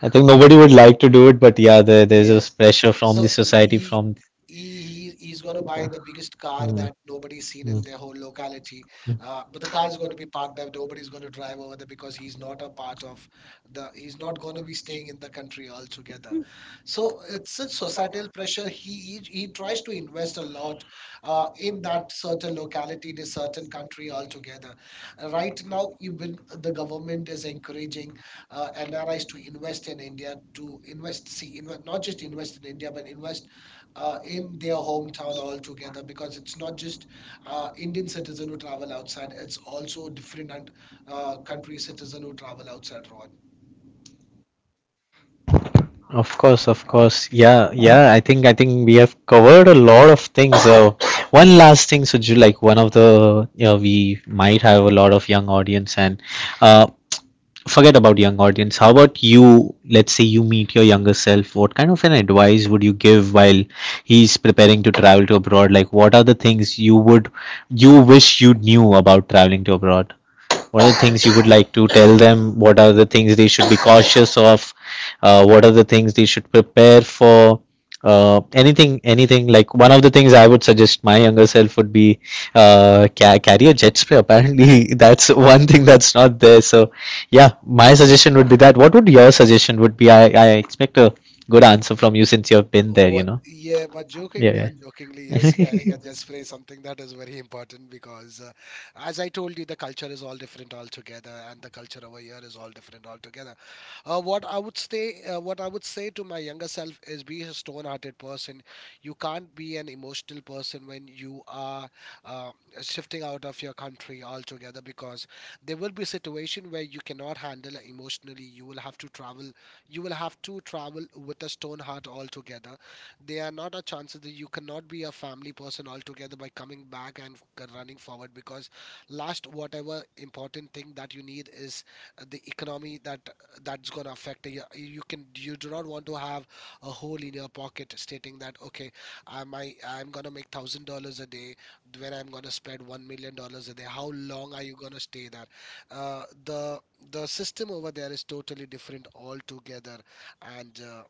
[SPEAKER 2] I think
[SPEAKER 1] he,
[SPEAKER 2] nobody would like to do it, but yeah, there's yeah,
[SPEAKER 1] yes.
[SPEAKER 2] this pressure.
[SPEAKER 1] So he, he is gonna buy the biggest car that nobody's seen in their whole locality. But the car is gonna be parked up. Nobody's gonna drive over there because he's not a part of the. He's not gonna be staying in the country altogether. So it's such societal pressure. He tries to invest a lot in that certain locality in a certain country altogether. Right now, even the government is encouraging NRIs to invest in India, to invest, see, not just invest in India, but invest in their hometown altogether because it's not just Indian citizen who travel outside, it's also different and, country citizen who travel outside, Rohan.
[SPEAKER 2] Of course, of course. Yeah, yeah. I think we have covered a lot of things. So one last thing, Suju, like, one of the, you know, we might have a lot of young audience and uh forget about young audience. How about you? Let's say you meet your younger self. What kind of an advice would you give while he's preparing to travel to abroad? Like, what are the things you wish you knew about traveling to abroad? What are the things you would like to tell them? What are the things they should be cautious of? What are the things they should prepare for? Anything, anything, like one of the things I would suggest my younger self would be, carry a jet spray. Apparently, <laughs> that's one thing that's not there. So yeah, my suggestion would be that. What would your suggestion would be? I expect a good answer from you since you
[SPEAKER 1] Oh,
[SPEAKER 2] have been there.
[SPEAKER 1] oh,
[SPEAKER 2] You know.
[SPEAKER 1] yeah, but jokingly,
[SPEAKER 2] Yeah.
[SPEAKER 1] unjokingly,
[SPEAKER 2] Yeah.
[SPEAKER 1] yes,
[SPEAKER 2] <laughs>
[SPEAKER 1] carrying a just phrase, something that is very important because, as I told you, the culture is all different altogether, and the culture over here is all different altogether. What I would say to my younger self is, be a stone-hearted person. You can't be an emotional person when you are uh, shifting out of your country altogether because there will be a situation where you cannot handle emotionally. You will have to travel with a stone heart altogether. There are not a chances that you cannot be a family person altogether by coming back and running forward because last whatever important thing that you need is the economy that's going to affect you. You can you do not want to have a hole in your pocket stating that okay, I'm going to make $1,000 a day when I'm going to spend $1 million a day. How long are you going to stay there? uh, the the system over there is totally different altogether, and uh,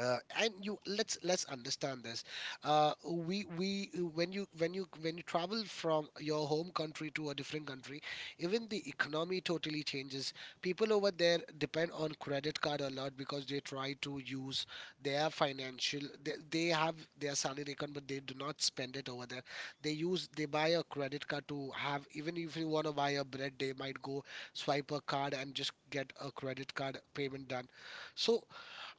[SPEAKER 1] and you, let's understand this. Uh, we we when you travel from your home country to a different country, even the economy totally changes. People over there depend on credit card a lot because they try to use their financial they have their salary account but they do not spend it over there. They buy a credit card to have, even if you want to buy a bread they might go swipe a card and just get a credit card payment done. So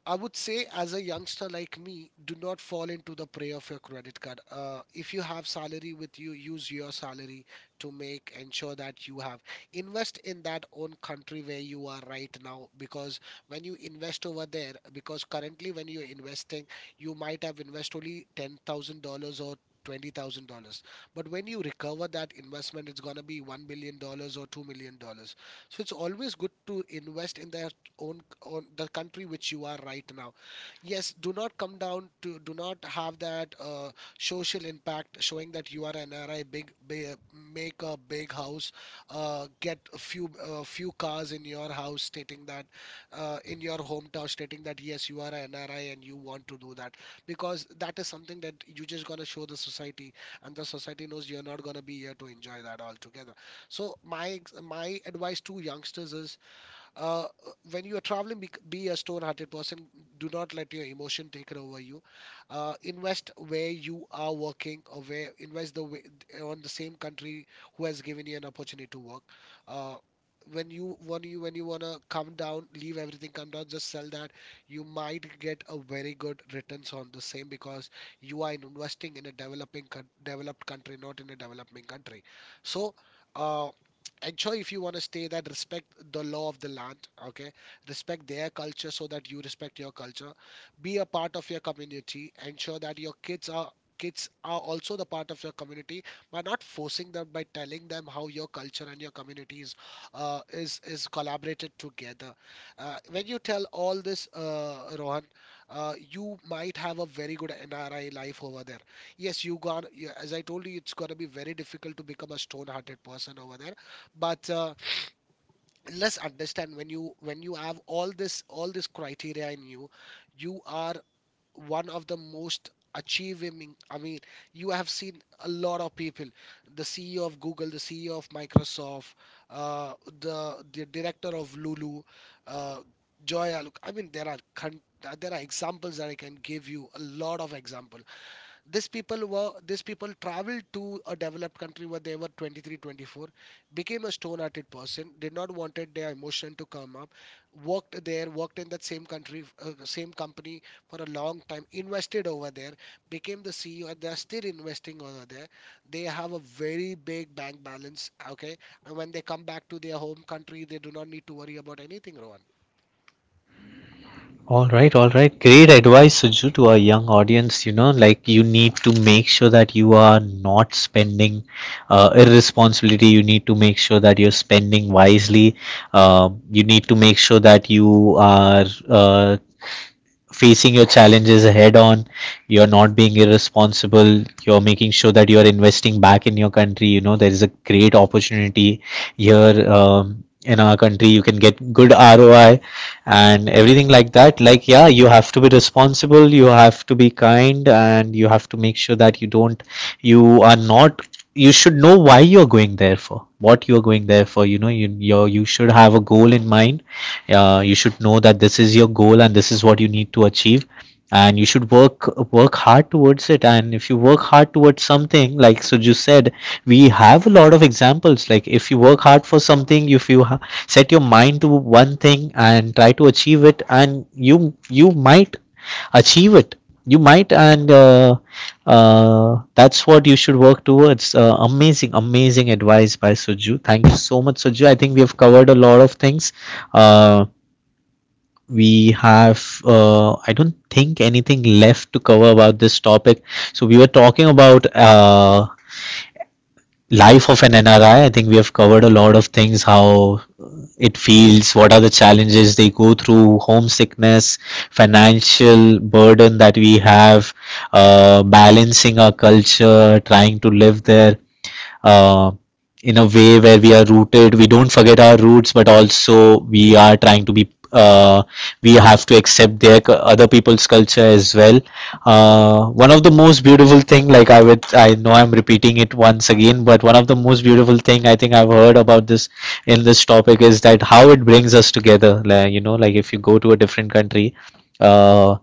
[SPEAKER 1] I would say, as a youngster like me, do not fall into the prey of your credit card. If you have salary with you, use your salary to make ensure that you have invest in that own country where you are right now. Because when you invest over there, because currently when you're investing, you might have invested only $10,000 or $20,000. But when you recover that investment, it's gonna be $1 billion or $2 million. So it's always good to invest in their own on the country which you are right now. Yes, do not come down to, do not have that social impact showing that you are an NRI. Big, big, make a big house, get a few few cars in your house stating that in your hometown stating that yes you are an NRI and you want to do that, because that is something that you just gonna show the society and the society knows you're not gonna be here to enjoy that altogether. So my my advice to youngsters is, uh, when you are traveling be a stone-hearted person. Do not let your emotion take it over you. Uh, invest where you are working or where invest the way, on the same country who has given you an opportunity to work. Uh, when you want to come down, leave everything, come down, just sell that, you might get a very good returns on the same because you are investing in a developing developed country, not in a developing country. So, uh, actually, if you want to stay that, respect the law of the land, okay? Respect their culture so that you respect your culture. Be a part of your community. Ensure that your kids are also the part of your community by not forcing them, by telling them how your culture and your communities is collaborated together. When you tell all this, Rohan, you might have a very good NRI life over there. Yes, as I told you, it's going to be very difficult to become a stone hearted person over there. But Let's understand, when you have all this, criteria in you, you are one of the most achieving, I mean, you have seen a lot of people, the CEO of Google, the CEO of Microsoft, uh, the director of Lulu, uh, I mean, there are examples that I can give you, a lot of example. These people traveled to a developed country where they were 23, 24, became a stone-hearted person, did not wanted their emotion to come up, worked there, worked in that same country, same company for a long time, invested over there, became the CEO, and they're still investing over there. They have a very big bank balance, okay? And when they come back to their home country, they do not need to worry about anything, Rohan.
[SPEAKER 2] All right, all right. Great advice, Suju, to our young audience. You know, like, you need to make sure that you are not spending irresponsibility. You need to make sure that you're spending wisely. You need to make sure that you are facing your challenges head on. You're not being irresponsible, you're making sure that you're investing back in your country. You know, there is a great opportunity here, in our country. You can get good ROI and everything like that. Like, yeah, you have to be responsible, you have to be kind, and you have to make sure that you don't, you are not, you should know why you're going there, for what you're going there for. You know, you should have a goal in mind. You should know that this is your goal and this is what you need to achieve, and you should work hard towards it. And if you work hard towards something, like Suju said, we have a lot of examples. Like, if you work hard for something, if you set your mind to one thing and try to achieve it, and you might achieve it. You might. And that's what you should work towards. Amazing, amazing advice by Suju. Thank you so much, Suju. I think we have covered a lot of things. Uh, we have I don't think anything left to cover about this topic. So we were talking about, life of an NRI. I think we have covered a lot of things, how it feels, what are the challenges they go through, homesickness, financial burden that we have, balancing our culture, trying to live there, uh, in a way where we are rooted, we don't forget our roots, but also we are trying to be, we have to accept their other people's culture as well. Uh, one of the most beautiful thing, like, I know I'm repeating it once again, but one of the most beautiful thing I think I've heard about this, in this topic, is that how it brings us together, like, you know, like, if you go to a different country, uh,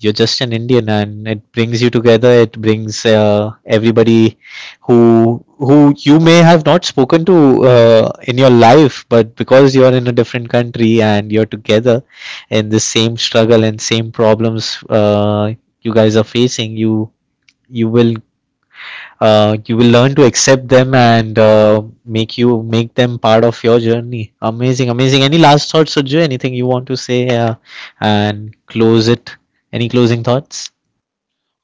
[SPEAKER 2] you're just an indian and it brings you together. It brings everybody, who you may have not spoken to in your life, but because you are in a different country and you're together in the same struggle and same problems, you guys are facing. You will you will learn to accept them and make them part of your journey. Amazing, amazing. Any last thoughts, Suju? Anything you want to say, and close it? Any closing thoughts?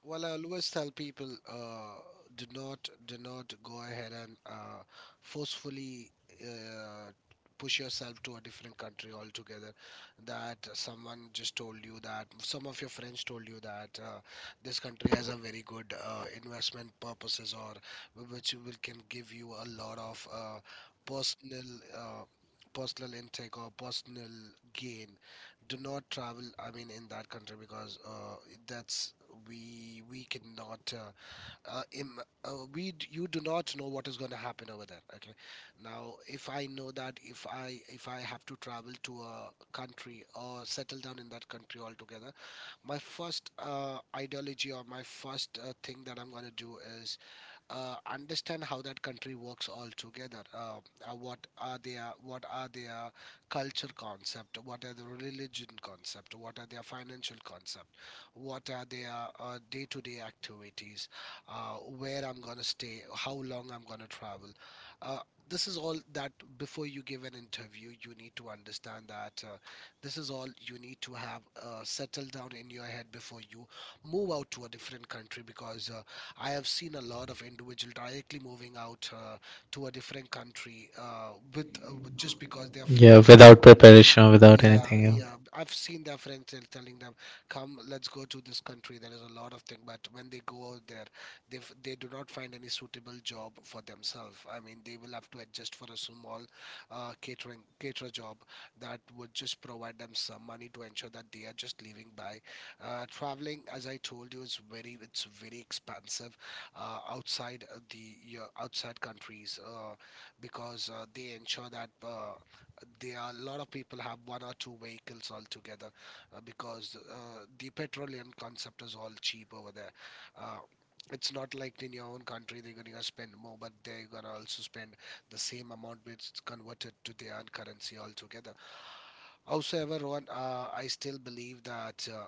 [SPEAKER 1] Well, I always tell people, do not go ahead and forcefully uh, push yourself to a different country altogether. That someone just told you, that some of your friends told you that, this country has a very good investment purposes, or which will can give you a lot of personal uh, personal intake or personal gain. Do not travel, I mean, in that country, because that's, we cannot, uh, im- you do not know what is going to happen over there, okay? Now if I know that, if I have to travel to a country or settle down in that country altogether, my first ideology, or my first thing that I'm going to do is, understand how that country works altogether. What are their, culture concept? What are the religion concept? What are their financial concept? What are their day-to-day activities? Where I'm gonna stay? How long I'm gonna travel? Uh, this is all that before you give an interview, you need to understand that, this is all you need to have settled down in your head before you move out to a different country, because I have seen a lot of individual directly moving out to a different country with, just because their
[SPEAKER 2] Yeah,
[SPEAKER 1] friends.
[SPEAKER 2] without preparation or without
[SPEAKER 1] Yeah,
[SPEAKER 2] anything, yeah.
[SPEAKER 1] yeah. I've seen their friends telling them, "Come, let's go to this country. There is a lot of thing." But when they go out there, they do not find any suitable job for themselves. I mean, they will have to adjust for a small catering caterer job that would just provide them some money to ensure that they are just living by. Traveling, as I told you, is very, it's very expensive outside, the your outside countries, because they ensure that. There are a lot of people have one or two vehicles altogether, because the petroleum concept is all cheap over there. Uh, it's not like in your own country they're gonna spend more, but they're gonna also spend the same amount which is converted to their own currency altogether. However, one, I still believe that.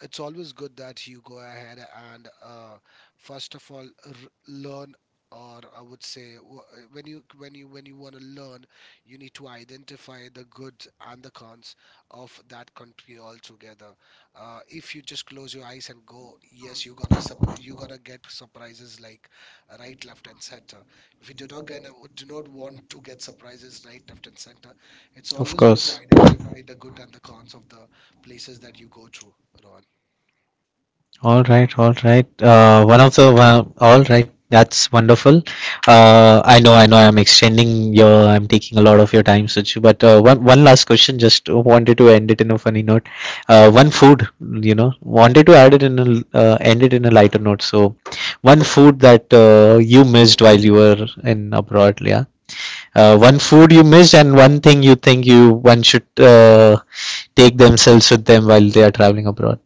[SPEAKER 1] It's always good that you go ahead and first of all r- learn, or I would say, when you want to learn, you need to identify the good and the cons of that country altogether. If you just close your eyes and go yes, you're gonna get surprises like right, left and center. If you do not want to get surprises right, left and center, it's always good to identify the good and the cons of the places that you go through, Rohan.
[SPEAKER 2] All right, all right. One of the one, all right. That's wonderful. I know, I know. I'm extending your. I'm taking a lot of your time, Suchu. But one last question. Just wanted to end it in a funny note. One food, you know, wanted to add it in a, end it in a lighter note. So, one food that you missed while you were in abroad, yeah. One food you missed, and one thing you think you one should take themselves with them while they are traveling abroad,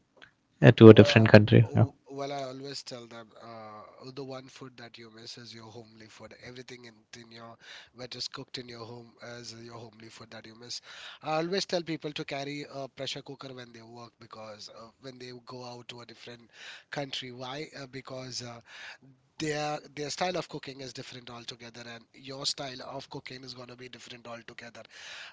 [SPEAKER 2] to a
[SPEAKER 1] Well,
[SPEAKER 2] different country. Yeah.
[SPEAKER 1] oh, well, I always tell them, the one food that you miss is your homely food. Everything in your, that is cooked in your home, is your homely food that you miss. I always tell people to carry a pressure cooker when they work, because when they go out to a different country, why? Because their style of cooking is different altogether, and your style of cooking is going to be different altogether.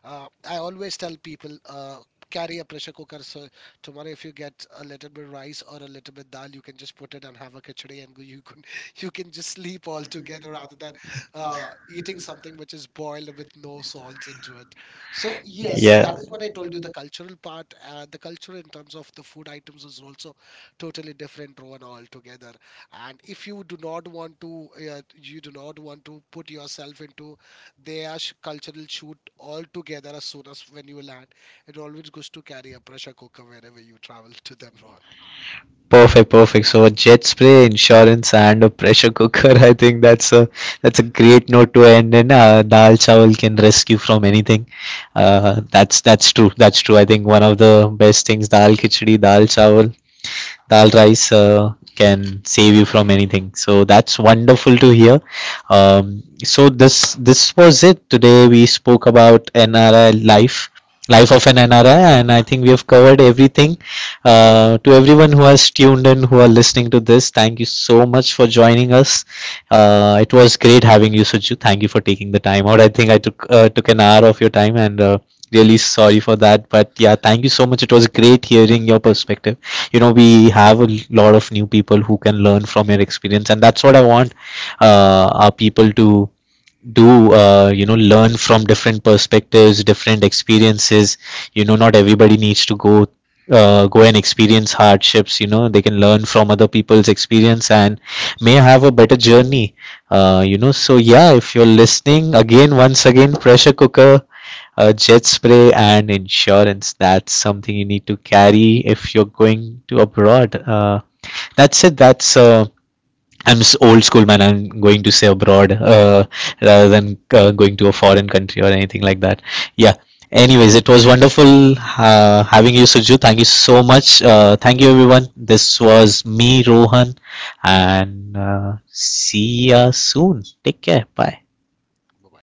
[SPEAKER 1] I always tell people, carry a pressure cooker. So tomorrow, if you get a little bit rice or a little bit dal, you can just put it and have a khichdi, and you can <laughs> you can just sleep all together, rather than eating something which is boiled with no salt into it. So yes, that
[SPEAKER 2] Yeah.
[SPEAKER 1] is what I told you. The cultural part, the culture in terms of the food items is also totally different, Rohan, altogether. And if you do not want to, you do not want to put yourself into their cultural shoot altogether as soon as when you land, it always goes to, carry a pressure cooker wherever you travel to them, Rohan.
[SPEAKER 2] Perfect, perfect. So a jet spray, insurance, and a pressure cooker. <laughs> I think that's a great note to end in. Dal chawal can rescue from anything. That's true. That's true. I think one of the best things, dal khichdi, dal chawal, dal rice, can save you from anything. So that's wonderful to hear. So this was it today. We spoke about NRI life, life of an NRI, and I think we have covered everything. To everyone who has tuned in, who are listening to this, thank you so much for joining us. It was great having you, Suju. Thank you for taking the time out. I think I took an hour of your time. And
[SPEAKER 1] Well,
[SPEAKER 2] really sorry for that, but yeah, thank you so much, it was great hearing your perspective. You know, we have a lot of new people who can learn from your experience, and that's what I want our people to do. You know, learn from different perspectives, different experiences. You know, not everybody needs to go, go and experience hardships. You know, they can learn from other people's experience and may have a better journey. You know, so yeah, if you're listening, again, once again, pressure cooker, jet spray, and insurance, that's something you need to carry if you're going to abroad. That's it, that's I'm old school man. I'm going to say abroad, rather than going to a foreign country or anything like that. Yeah. Anyways, it was wonderful, having you, Suju. Thank you so much. Thank
[SPEAKER 1] well,
[SPEAKER 2] you,
[SPEAKER 1] pleasure,
[SPEAKER 2] everyone. This
[SPEAKER 1] Rohan.
[SPEAKER 2] was me, Rohan, and see ya soon. Take care. Bye.
[SPEAKER 1] Bye-bye.